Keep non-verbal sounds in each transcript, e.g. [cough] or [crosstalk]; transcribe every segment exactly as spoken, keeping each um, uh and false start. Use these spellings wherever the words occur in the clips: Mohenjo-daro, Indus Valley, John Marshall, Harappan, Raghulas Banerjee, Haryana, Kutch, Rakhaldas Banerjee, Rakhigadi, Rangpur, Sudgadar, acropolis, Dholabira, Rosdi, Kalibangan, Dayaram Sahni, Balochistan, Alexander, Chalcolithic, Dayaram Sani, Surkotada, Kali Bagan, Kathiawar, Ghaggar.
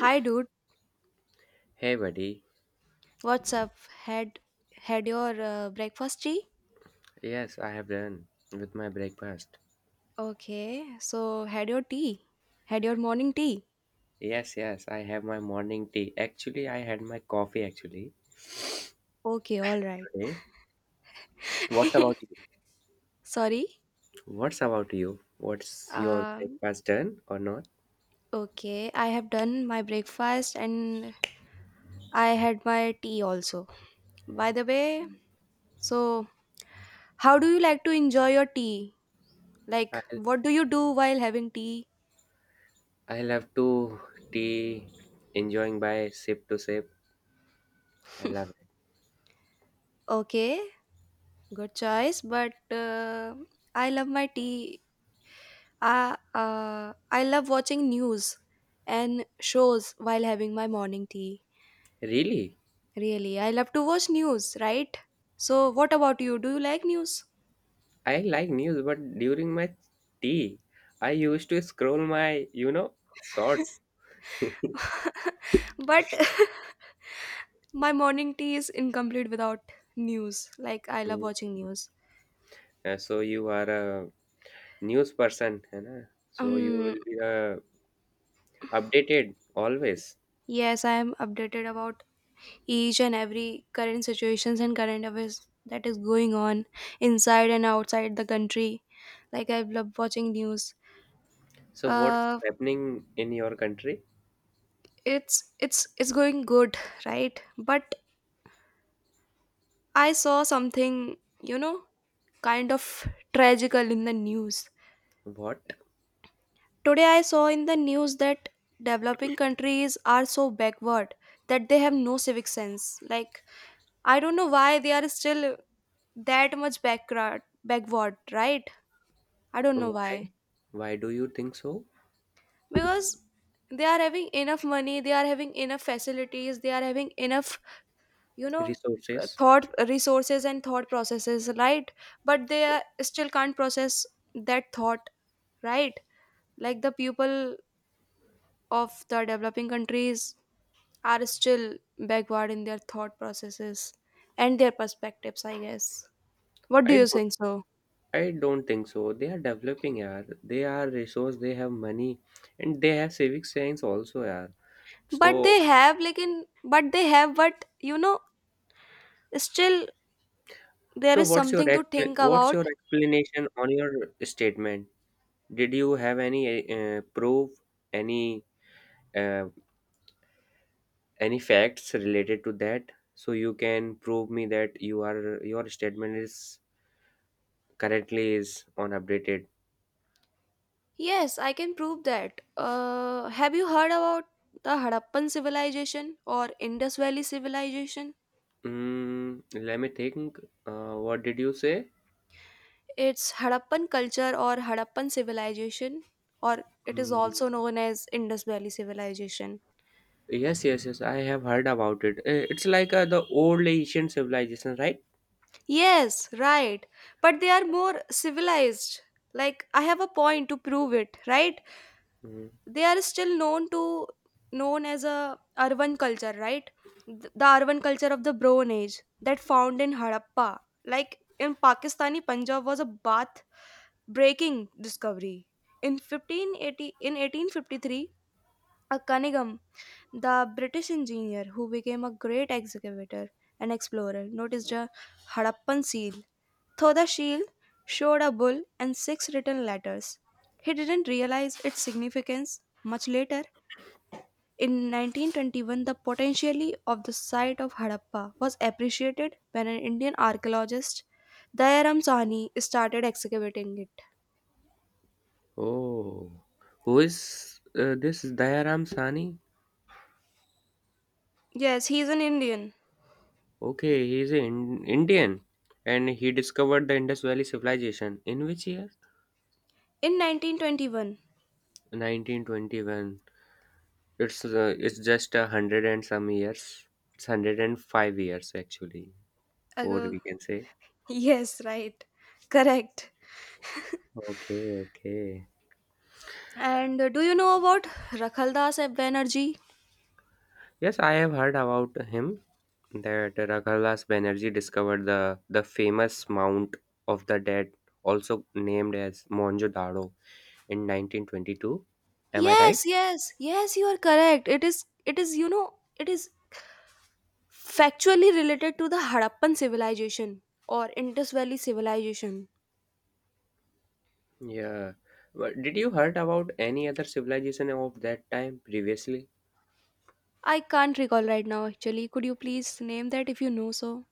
Hi, dude. Hey, buddy. What's up? Had had your uh, breakfast tea? Yes, I have done with my breakfast. Okay. So had your tea? Had your morning tea? Yes, yes, I have my morning tea. Actually, I had my coffee actually Okay. All right. today. What's about [laughs] you? Sorry. What's about you? What's your Um. breakfast done or not? Okay. I have done my breakfast and I had my tea also. By the way, so how do you like to enjoy your tea? Like, I'll, what do you do while having tea? I'll have two tea, enjoying by sip to sip. I love it. Okay. Good choice. But uh, I love my tea. I, uh, I love watching news and shows while having my morning tea. Really? Really, I love to watch news, right? So, what about you? Do you like news? I like news, but during my tea, I used to scroll my, you know, shorts. But [laughs] my morning tea is incomplete without news. Like, I love Mm. watching news. Uh, so you are a news person, है ना? So you Um, will be a updated always. yes, I am updated about each and every current situations and current affairs that is going on inside and outside the country. Like, I love watching news. So what's Uh, happening in your country? it's it's it's going good, right, but I saw something, you know kind of tragical in the news. What? Today I saw in the news that developing countries are so backward that they have no civic sense. Like, I don't know why they are still that much backward backward, right? I don't know why. Why? Why do you think so? Because they are having enough money, they are having enough facilities, they are having enough, you know uh, Resources? thought resources and thought processes, right? But they are, still can't process that thought, right? Like, the people of the developing countries are still backward in their thought processes and their perspectives, I guess. What do I you don't. think so? I don't think so. They are developing, yeah. They are resource. They have money, and they have civic science also, yeah. But So, they have, like, in, but they have, but you know still there so is what's your something to expla- think what's about. your explanation on your statement? Did you have any uh, proof, any uh, any facts related to that? So you can prove me that you are your statement is currently is on updated. Yes, I can prove that. Uh, have you heard about the Harappan civilization or Indus Valley civilization? Mm, let me think. Uh, what did you say? It's Harappan culture or Harappan civilization, or it is Mm, also known as Indus Valley civilization. yes, yes, yes. I have heard about it. Eh, It's like uh, the old Asian civilization, right? Yes, right. But they are more civilized. Like, I have a point to prove it, right? Mm. They are still known to known as a urban culture, right? Th- the urban culture of the Bronze Age that found in Harappa, like in Pakistani Punjab, was a bath breaking discovery in fifteen eighty, in eighteen fifty-three. A Cunningham, the British engineer who became a great excavator and explorer, noticed a Harappan seal. Though the shield showed a bull and six written letters, he didn't realize its significance. Much later in nineteen twenty-one, the potentially of the site of Harappa was appreciated when an Indian archaeologist, Dayaram Sahni, started excavating it. Oh, who is uh, this Dayaram Sani? Yes, he is an Indian. Okay, he is an Indian, and he discovered the Indus Valley civilization in which year? In nineteen twenty-one. nineteen twenty-one. It's uh, it's just a hundred and some years. It's hundred and five years actually. Four Ago. we can say. Yes, right. Correct. Okay, okay. And uh, do you know about Rakhaldas Banerjee? Yes, I have heard about him that Raghulas Banerjee discovered the the famous Mount of the Dead, also named as Mohenjo-daro, in nineteen twenty-two. Am I right? Yes, yes, yes, you are correct. It is, it is, you know, it is factually related to the Harappan civilization or Indus Valley civilization. Yeah. But did you heard about any other civilization of that time previously? I can't recall right now actually. Could you please name that if you know so?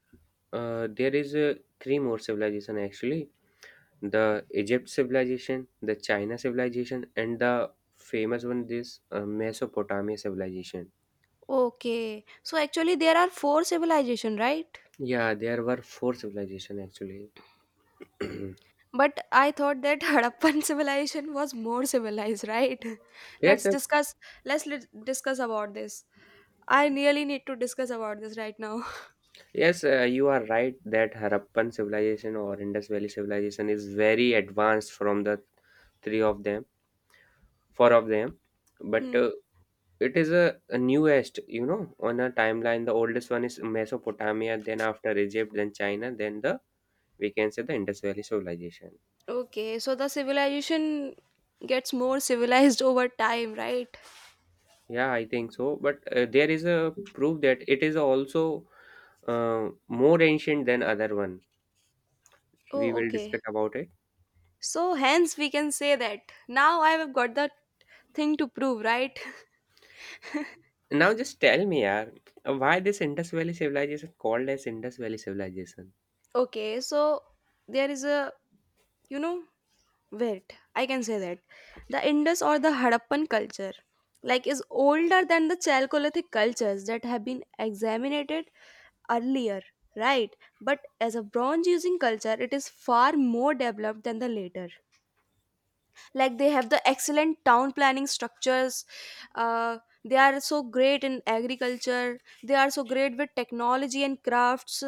Uh, there is uh, three more civilization actually: the Egypt civilization, the China civilization, and the famous one this uh, Mesopotamia civilization. Okay. So actually there are four civilization, right? Yeah, there were four civilizations actually. But I thought that [laughs] Harappan civilization was more civilized, right? [laughs] Yes, Let's yes, discuss let's lit- discuss about this. I really need to discuss about this right now. [laughs] yes, uh, you are right that Harappan civilization or Indus Valley civilization is very advanced from the three of them, four of them. But Hmm. uh, it is a, a newest, you know, on a timeline. The oldest one is Mesopotamia, then after Egypt, then China, then the we can say the Indus Valley civilization. Okay, so the civilization gets more civilized [laughs] over time, right? Yeah, I think so. But uh, there is a proof that it is also uh, more ancient than other one. We Oh, will okay. discuss about it. So hence we can say that now I have got the thing to prove, right? Now just tell me, yaar, why this Indus Valley civilization called as Indus Valley civilization? Okay, so there is a, you know, wait, I can say that. The Indus or the Harappan culture, like, is older than the Chalcolithic cultures that have been examined earlier, right? But as a bronze using culture, it is far more developed than the later. Like, they have the excellent town planning structures. uh, they are so great in agriculture, they are so great with technology and crafts.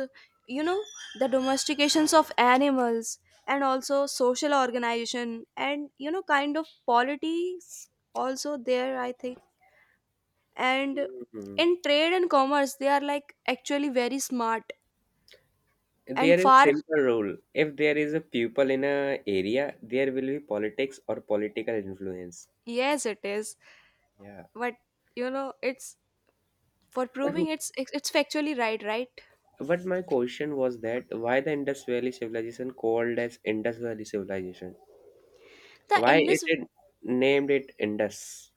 you know the domestications of animals, and also social organization, and you know kind of politics also there, I think. And Mhm. in trade and commerce they are, like, actually very smart and There is far. simple rule. If there is a people in a area, there will be politics or political influence. Yes, it is. Yeah. But you know it's, for But proving, it's it's it's factually right, right. but my question was that why the Indus Valley civilization called as Indus Valley civilization? The Why it, Indus, it named it Indus?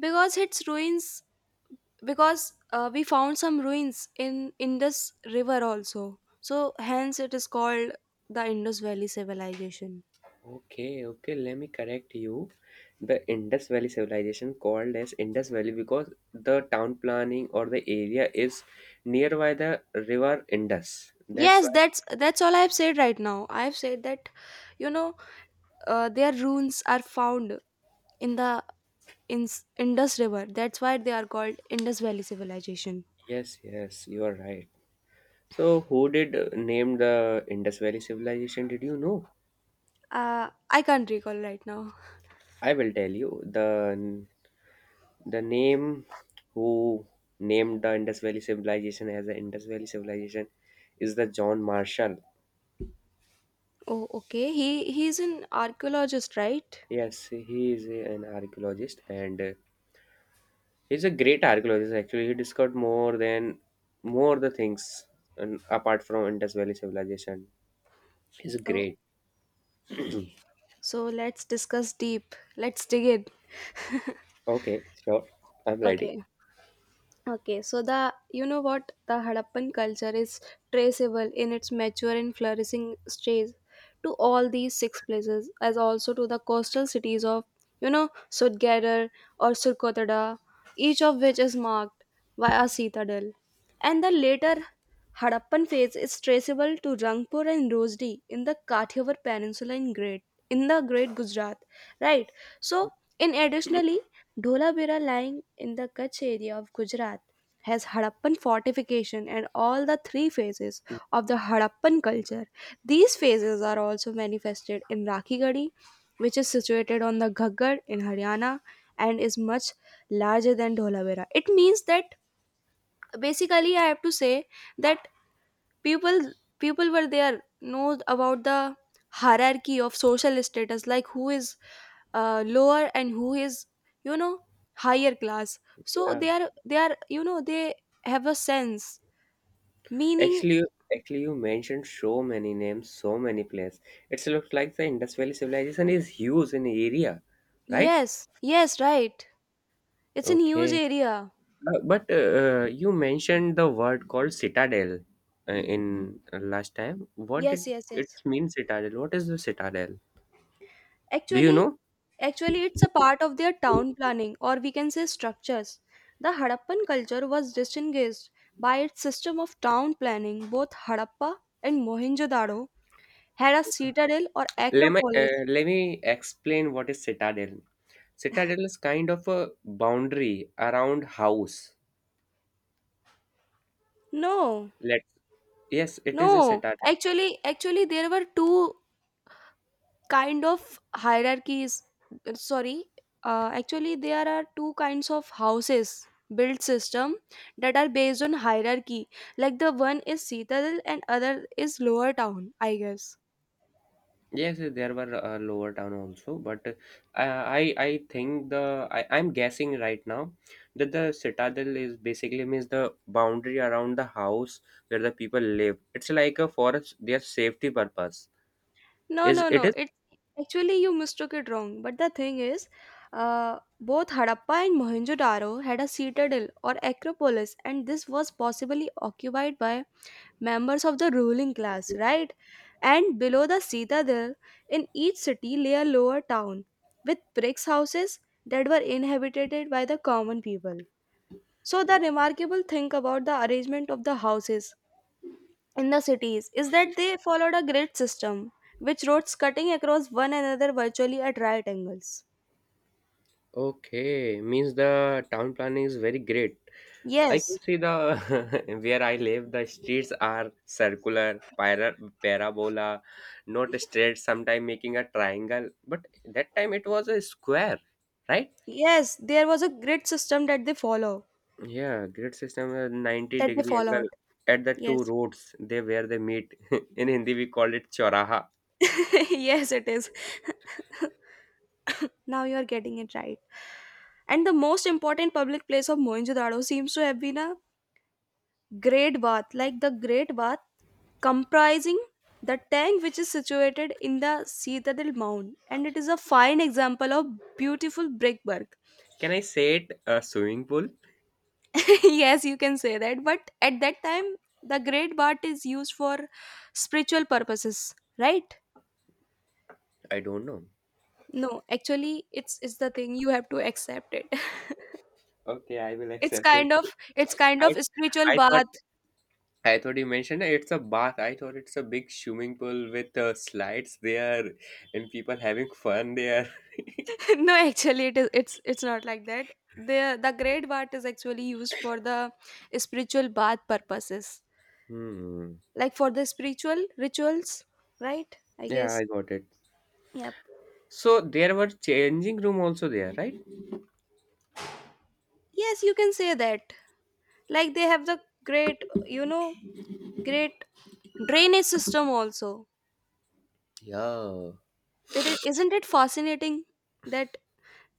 because its ruins, because uh, we found some ruins in Indus river also, so hence it is called the Indus Valley civilization. Okay, okay, let me correct you. The Indus Valley civilization called as Indus Valley because the town planning or the area is nearby the river Indus. That's Yes, why, that's that's all I have said right now. I have said that, you know uh, their ruins are found in the in Indus river. That's why they are called Indus Valley civilization. yes, yes, you are right. So, who did uh, name the Indus Valley civilization? Did you know? uh, I can't recall right now. I will tell you. The the name who named the Indus Valley civilization as the Indus Valley civilization is the John Marshall. Oh, okay, he he's an archaeologist, right? Yes, he is an archaeologist and uh, He's a great archaeologist actually. He discovered more than more the things and apart from Indus Valley civilization. He's Oh. great. [clears throat] Okay. So let's discuss deep. Let's dig in. Okay, sure. I'm ready. Okay. Okay. So the you know what the Harappan culture is traceable in its mature and flourishing stage to all these six places, as also to the coastal cities of you know Sudgadar or Surkotada, each of which is marked by a citadel, and the later Harappan phase is traceable to Rangpur and Rosdi in the Kathiawar Peninsula in Great in the Great Gujarat, right? So, in additionally, Dholabira lying in the Kutch area of Gujarat has Harappan fortification and all the three phases [clears throat] of the Harappan culture. These phases are also manifested in Rakhigadi, which is situated on the Ghaggar in Haryana and is much larger than Dholabira. It means that basically I have to say that people people were there, know about the hierarchy of social status, like who is uh, lower and who is you know higher class. So Yeah. they are they are you know they have a sense, meaning, Actually you- Actually you mentioned so many names, so many places. It looks like the Indus Valley civilization is huge in area, right? yes, yes, right. It's a huge Okay. area. Uh, but uh, uh, you mentioned the word called citadel uh, in uh, last time. What Yes, did yes, it yes. mean citadel? What is the citadel? Do you actually know? actually it's a part of their town planning, or we can say structures. The Harappan culture was distinguished by its system of town planning. Both Harappa and Mohenjo-daro had a citadel or Let me, acropolis? uh, let me explain what is citadel. Citadel is kind of a boundary around house. No, Let yes, it is a no. citadel. Actually, actually, there were two kind of hierarchies. Uh, Sorry, uh, actually, there are two kinds of houses built system that are based on hierarchy. Like the one is citadel and other is lower town. I guess. Yes, there were a lower town also, but uh, I I think the I, I'm guessing right now that the citadel is basically means the boundary around the house where the people live. It's like a for their safety purpose. No, Is no, it no. is It's actually you mistook it wrong. But the thing is, uh, both Harappa and Mohenjo-daro had a citadel or acropolis, and this was possibly occupied by members of the ruling class, right? And below the citadel, in each city lay a lower town with brick houses that were inhabited by the common people. So the remarkable thing about the arrangement of the houses in the cities is that they followed a grid system with roads cutting across one another virtually at right angles. okay? Means the town planning is very great. I can Yes, see the [laughs] where I live, the streets are circular, para, parabola, not straight, sometime making a triangle. But that time it was a square, right? yes, there was a grid system that they follow, Yeah, grid system uh, 90 that they degree followed. angle at the two Yes, roads they where they meet. [laughs] In Hindi we call it choraha. [laughs] yes, it is. [laughs] Now you are getting it right. And the most important public place of Mohenjo-daro seems to have been a great bath, like the great bath comprising the tank which is situated in the Citadel Mound, and it is a fine example of beautiful brickwork. Can I say it a swimming pool? [laughs] Yes, you can say that. But at that time, the great Bhat is used for spiritual purposes, right? I don't know. No, actually, it's it's the thing you have to accept it. [laughs] Okay, I will it's accept it. kind of it's kind of I spiritual I thought bath. I thought you mentioned it's a bath. I thought it's a big swimming pool with uh, slides there and people having fun there. [laughs] [laughs] No, actually, it is it's it's not like that. The the great Bhat is actually used for the spiritual bath purposes, Hmm. like for the spiritual rituals, right? I Yeah, guess. I got it. Yep. So there were changing room also there, right? Yes, you can say that. Like they have the great, you know, Great drainage system also. Yeah. It is, isn't it fascinating that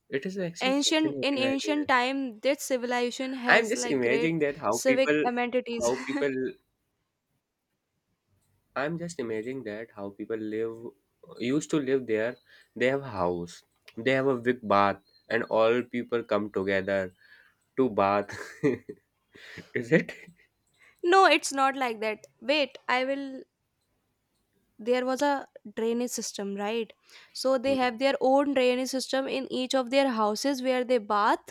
It is actually ancient in fascinating right ancient there. time this civilization I'm has just like great imagining that how civic people amenities. how people I'm just imagining that how people live used to live there. They have a house. They have a big bath and all people come together to bath. [laughs] Is it? [laughs] No, it's not like that. Wait, I will there was a drainage system, right? So they have their own drainage system in each of their houses where they bath,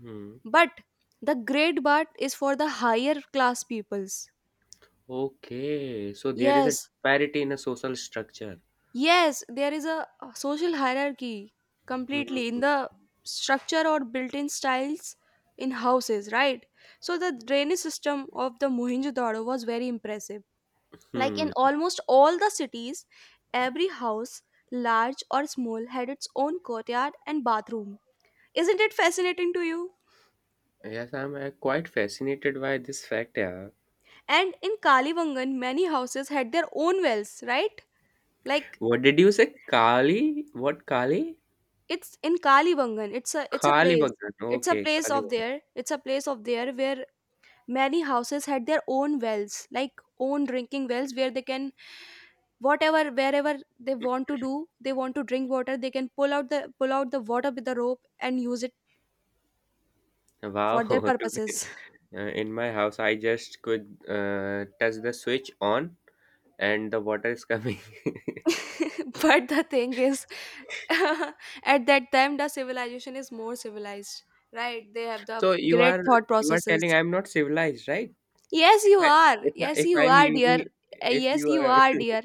Hmm. but the great bath is for the higher class peoples. Okay, so there is a Yes, disparity in a social structure. yes, there is a a social hierarchy completely in Mhm. the structure or built in styles in houses, right? So, the drainage system of the Mohenjo Daro was very impressive. Like Hmm. in Hmm. almost all the cities, every house, large or small, had its own courtyard and bathroom. Isn't it fascinating to you? Yes, I'm uh, quite fascinated by this fact. Yeah. And in Kalivangan, many houses had their own wells, right? Like, What did you say? Kali? What Kali? it's in Kalibangan. It's a it's a Kali place. Bagan. It's a Okay, place Kali of Bagan. there. It's a place of there where many houses had their own wells, like own drinking wells where they can, whatever, wherever they want to do, they want to drink water, they can pull out the pull out the water with the rope and use it Wow. for their [laughs] Today, purposes. uh, in my house, I just could uh, touch the switch on, and the water is coming. [laughs] [laughs] But the thing is, [laughs] at that time the civilization is more civilized, right, they have the so you great are thought you are telling processes. I'm not civilized, right? Yes, If you I are. if, I, Yes, if you I'm are, dear. using Uh, if Yes, you you are are, [laughs] dear.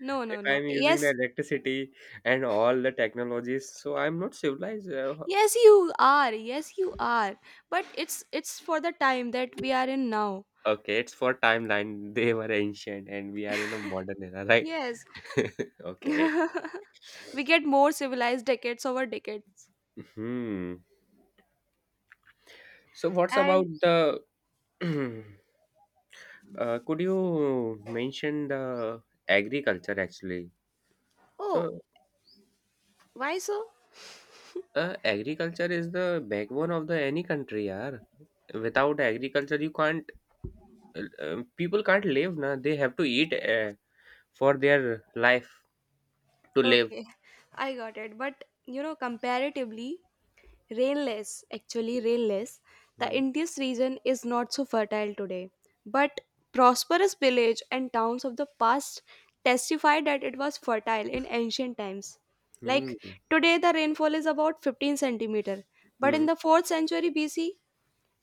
No, no, If no. I'm using the Yes, electricity and all the technologies, so I'm not civilized. Uh, yes, you are. Yes, you are. But it's it's for the time that we are in now. okay, it's for timeline. [laughs] They were ancient, and we are in a modern era, right? Yes, [laughs] Okay. [laughs] we get more civilized decades over decades. Hmm. So, what's about And the? [clears throat] uh, could you mention the agriculture actually? oh, So, why so? uh, agriculture is the backbone of the any country, yaar. Without agriculture, you can't. Uh, uh, people can't live, na. They have to eat uh, for their life to live. Okay, [laughs] I got it. But you know, comparatively, rainless, actually rainless, the Mhm, Indus region is not so fertile today, but prosperous villages and towns of the past testify that it was fertile in ancient times. Like mhm, today, the rainfall is about fifteen centimeter, but in mhm, the fourth century B C,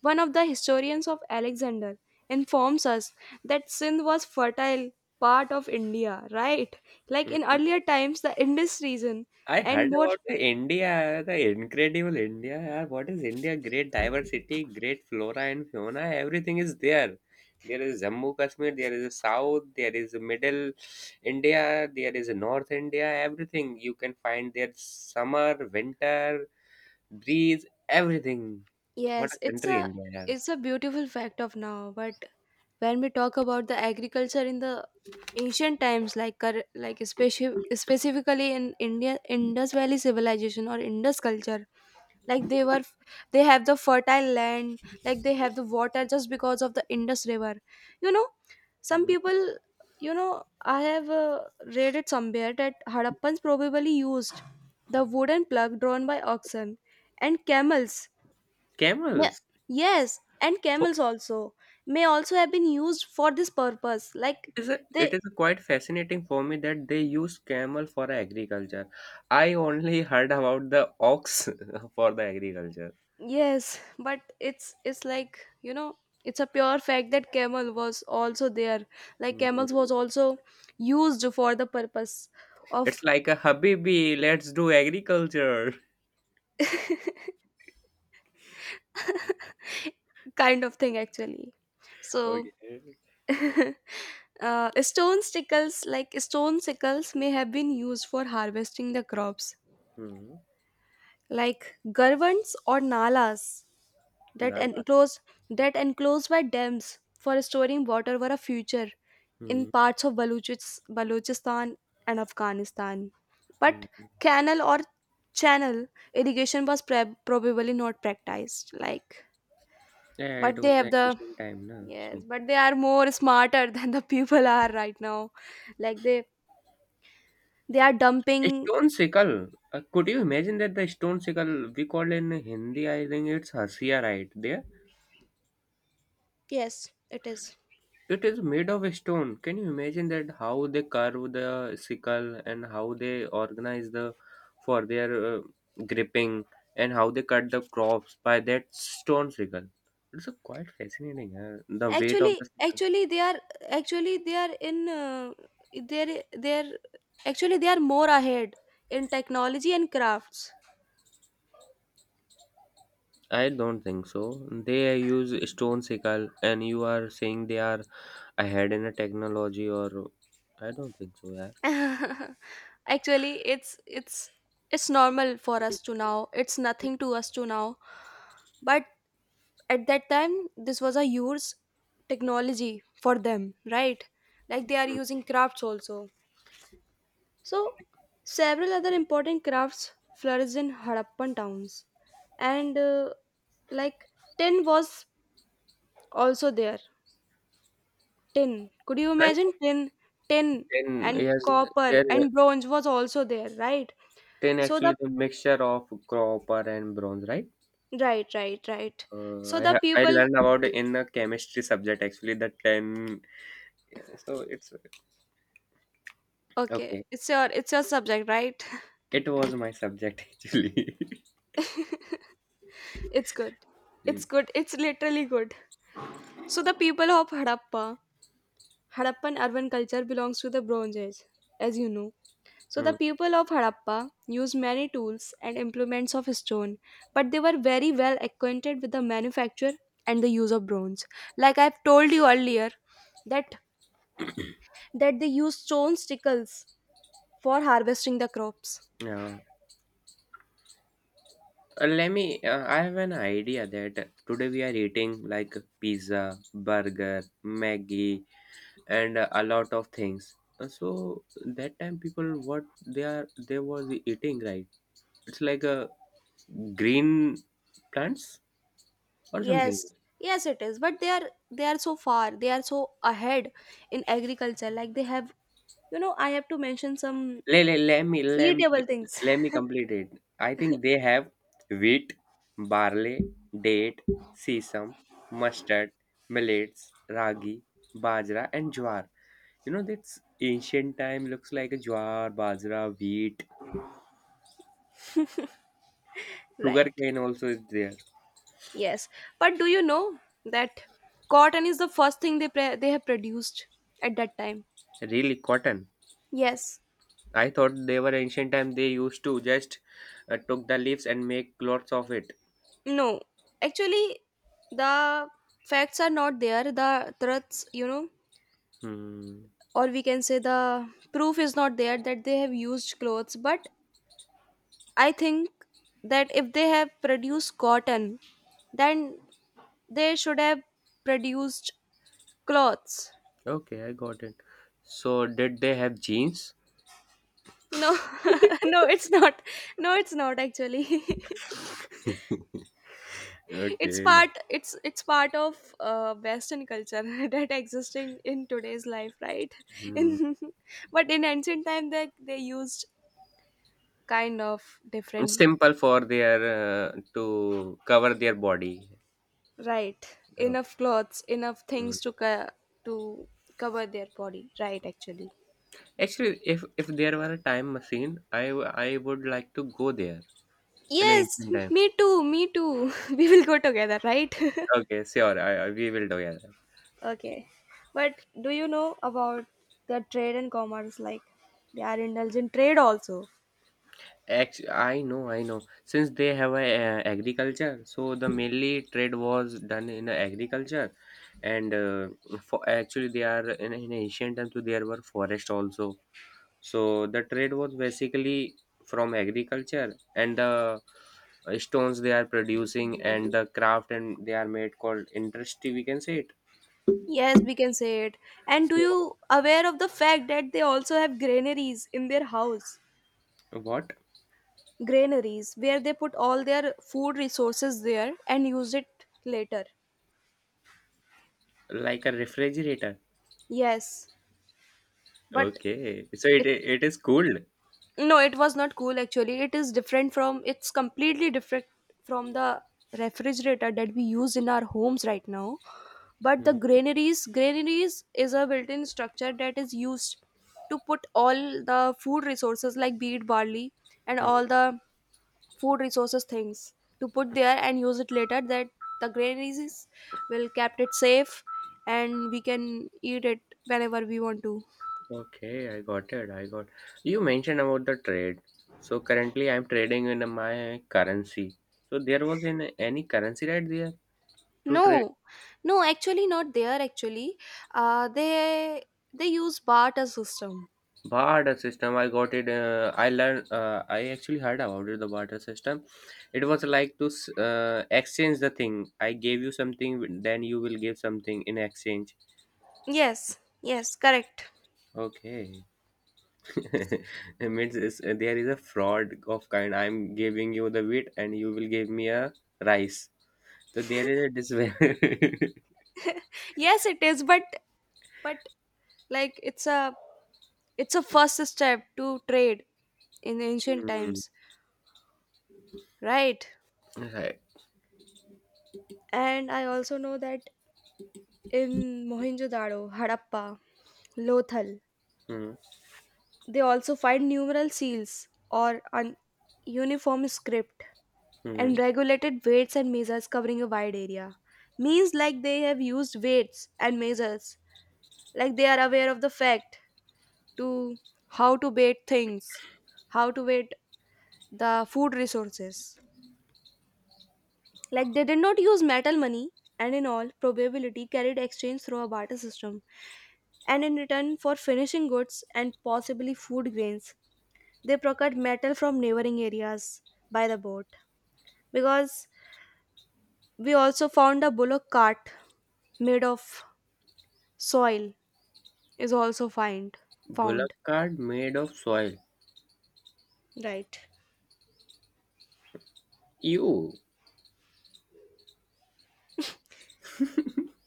one of the historians of Alexander informs us that Sindh was fertile part of India, right? Like in earlier mhm. times, the Indus region I and heard more. about the India, the incredible India, yaar. What is India? Great diversity, great flora and fauna. Everything is there. There is Jammu Kashmir, there is a South, there is a Middle India, there is a North India. Everything you can find there. Summer, winter, breeze, everything. What Yes, a it's country, a India, yaar! it's a beautiful fact of now, but when we talk about the agriculture in the ancient times like cur- like especially specifically in India Indus Valley civilization or Indus culture, like they were f- they have the fertile land, like they have the water just because of the Indus river, you know. Some Mhm. people, you know I have uh, read it somewhere that Harappans probably used the wooden plug drawn by oxen and camels. May, Camels. yes, and camels also may also have been used for this purpose. Like It is a, they, it is a quite fascinating for me that they use camel for agriculture. I only [laughs] heard about the ox [laughs] for the agriculture. yes, [laughs] but it's it's like you know, it's a pure fact that camel was also there. Like Hmm. camels was also used for the purpose It's of like a Habibi, let's do agriculture. [laughs] [laughs] kind of thing actually. So. Okay. [laughs] Uh, stone sickles like stone sickles may have been used for harvesting the crops Hmm. like garvants or nalas that Nagas. enclosed that enclosed by dams for storing water were a future in Hmm. parts of Baluchis- Balochistan and Afghanistan. But Hmm. canal or channel irrigation was pre- probably not practiced. Like, Yeah, it but they was have an the, ancient time, na. So yes, but they are more smarter [laughs] than the people are right now. Like they they are dumping. stone sickle. Uh, could you imagine that the stone sickle we call in Hindi? I think it's hasiya, right? There. Yes, it is. It is made of stone. Can you imagine that how they carve the sickle and how they organize the for their uh, gripping and how they cut the crops by that stone sickle? It's a quite fascinating. Uh, the weight of Actually the sickle. actually they are actually they are in uh, they're they're actually they are more ahead in technology and crafts. I don't think so. They use stone sickle, and you are saying they are ahead in a technology or I don't think so. Yeah. [laughs] Actually it's it's it's normal for us to now. It's nothing to us to now. But at that time this was a huge technology for them, right? Like they are Mm. using crafts also. So, several other important crafts flourished in Harappan towns, and uh, like tin was also there. Tin. Could you I'm imagine tin? Tin ten. and Yes, copper they're and bronze was also there, right? ten. So the Actually, the mixture of copper and bronze, right? right, right, right. Uh, So I the ha- I people. learned about in a chemistry subject actually the ten. Yeah, so it's Okay, okay. it's your it's your subject, right? It was my subject [laughs] actually. [laughs] It's good. Hmm. It's good. It's literally good. So the people of Harappa, Harappan urban culture belongs to the Bronze Age, as you know. So the Hmm. people of Harappa used many tools and implements of stone, but they were very well acquainted with the manufacture and the use of bronze. Like I've told you earlier, that that they used stone stickles for harvesting the crops. Yeah. Uh, let me. Uh, I have an idea that today we are eating like pizza, burger, Maggie, and uh, a lot of things. Uh, So that time people what they are they was eating, right? It's like a green plants or something. Yes, yes, it is. But they are they are so far, they are so ahead in agriculture. Like they have, you know, I have to mention some Let let let me let me eatable things, let me complete it. I think they have wheat, barley, date, sesame, mustard, millets, ragi, bajra, and jwar. You know that's ancient time looks like a jowar, bajra, wheat, [laughs] right? sugarcane also is there. Yes, but do you know that cotton is the first thing they pre- they have produced at that time? Really cotton. Yes. I thought they were ancient time. They used to just uh, took the leaves and make clothes of it. No, actually, the facts are not there. The truths, you know, Hmm. or we can say the proof is not there that they have used clothes. But I think that if they have produced cotton, then they should have produced clothes. Okay, I got it. So did they have jeans? [laughs] No, [laughs] no, it's not. No, it's not actually. [laughs] It's Okay. part it's it's part of uh, western culture [laughs] that existing in today's life, right? [laughs] Mm. in but in ancient time they they used kind of different, Simple for their uh, to cover their body. right? Okay. Enough clothes, enough Mm. things to co- to cover their body, right? Actually, Actually, if if there were a time machine, I w- I would like to go there in yes. ancient [laughs] time. Me too, me too. [laughs] We will go together, right? Okay, sure. I, I we will do, yeah. [laughs] Okay, but do you know about the trade and commerce, like they are indulged in trade also? Actually, I know, I know. Since they have a uh, agriculture, so the mainly trade was done in agriculture, and uh, for actually they are in, in ancient times. So there were forest also. So the trade was basically from agriculture and the uh, stones they are producing and the craft and they are made called industry we can say it. Yes, we can say it. And do So you aware of the fact that they also have granaries in their house? what? Granaries where they put all their food resources there and use it later. Like a refrigerator. Yes, but Okay. So it it's it is cooled. no, it was not cool actually. It is different from, it's completely different from the refrigerator that we use in our homes right now. But the Mhm. granaries granaries is a built-in structure that is used to put all the food resources like wheat, barley and all the food resources things, to put there and use it later, that the granaries is- will kept it safe and we can eat it whenever we want to. Okay, I got it. I got. You mentioned about the trade. So currently I'm trading in my currency. So there was in any currency right there to trade. No, no, actually not there actually. Uh, they they use barter system. Barter system, I got it. uh, I learned. uh, I actually heard about it, the barter system. It was like to s- uh, exchange the thing. I gave you something, then you will give something in exchange. Yes, yes, correct. Okay. [laughs] It means it's, uh, there is a fraud of kind. I'm giving you the wheat, and you will give me a rice, so there is a disparity. [laughs] Yes it is, but but like it's a, it's a first step to trade in ancient Hmm. times, right? Right. And I also know that in Mohenjo-Daro, Harappa, Lothal, Hmm. they also find numeral seals or an uniform script Hmm. and regulated weights and measures covering a wide area. Means like they have used weights and measures, like they are aware of the fact to how to bait things, how to bait the food resources. Like they did not use metal money and in all probability carried exchange through a barter system. And in return for finishing goods and possibly food grains, they procured metal from neighboring areas by the boat. Because we also found a bullock cart made of soil is also find Bullock found. cart made of soil. Right. Ew.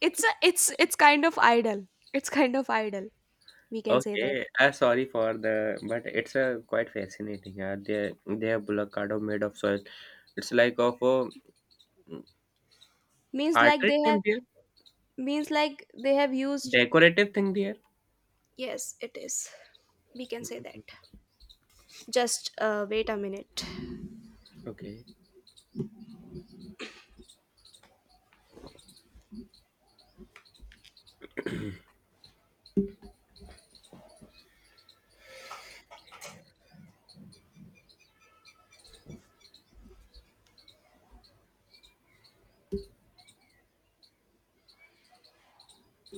It's a it's it's kind of idle. It's kind of idle. We can say that. Okay, uh, sorry for the, but it's a quite fascinating. Yeah, they they have avocado made of soil. It's like of a Means like artery they have, thing there, means like they have used, decorative thing there. yes it is, we can say that. Mhm. Just uh, wait a minute. Okay,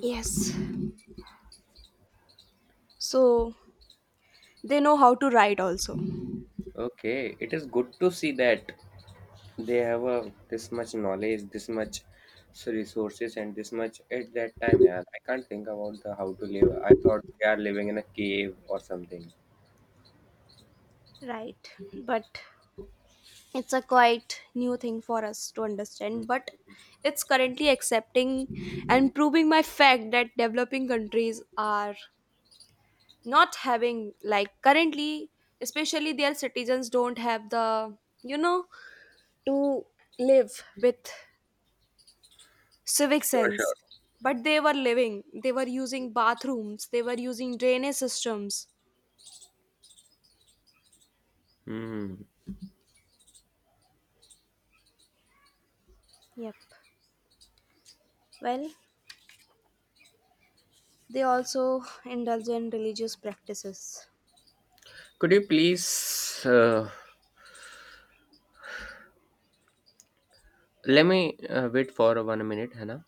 Yes, so they know how to write also, okay. It is good to see that they have a this much knowledge, this much s- resources, and this much at that time. Yeah, I can't think about the how to live. I thought they are living in a cave or something. right? But it's a quite new thing for us to understand, but it's currently accepting and proving my fact that developing countries are not having, like currently, especially their citizens don't have the, you know, to live with civic sense, but they were living, they were using bathrooms, they were using drainage systems. Hmm. Yep. Well, they also indulge in religious practices. Could you please uh, let me uh, wait for one minute, Hannah?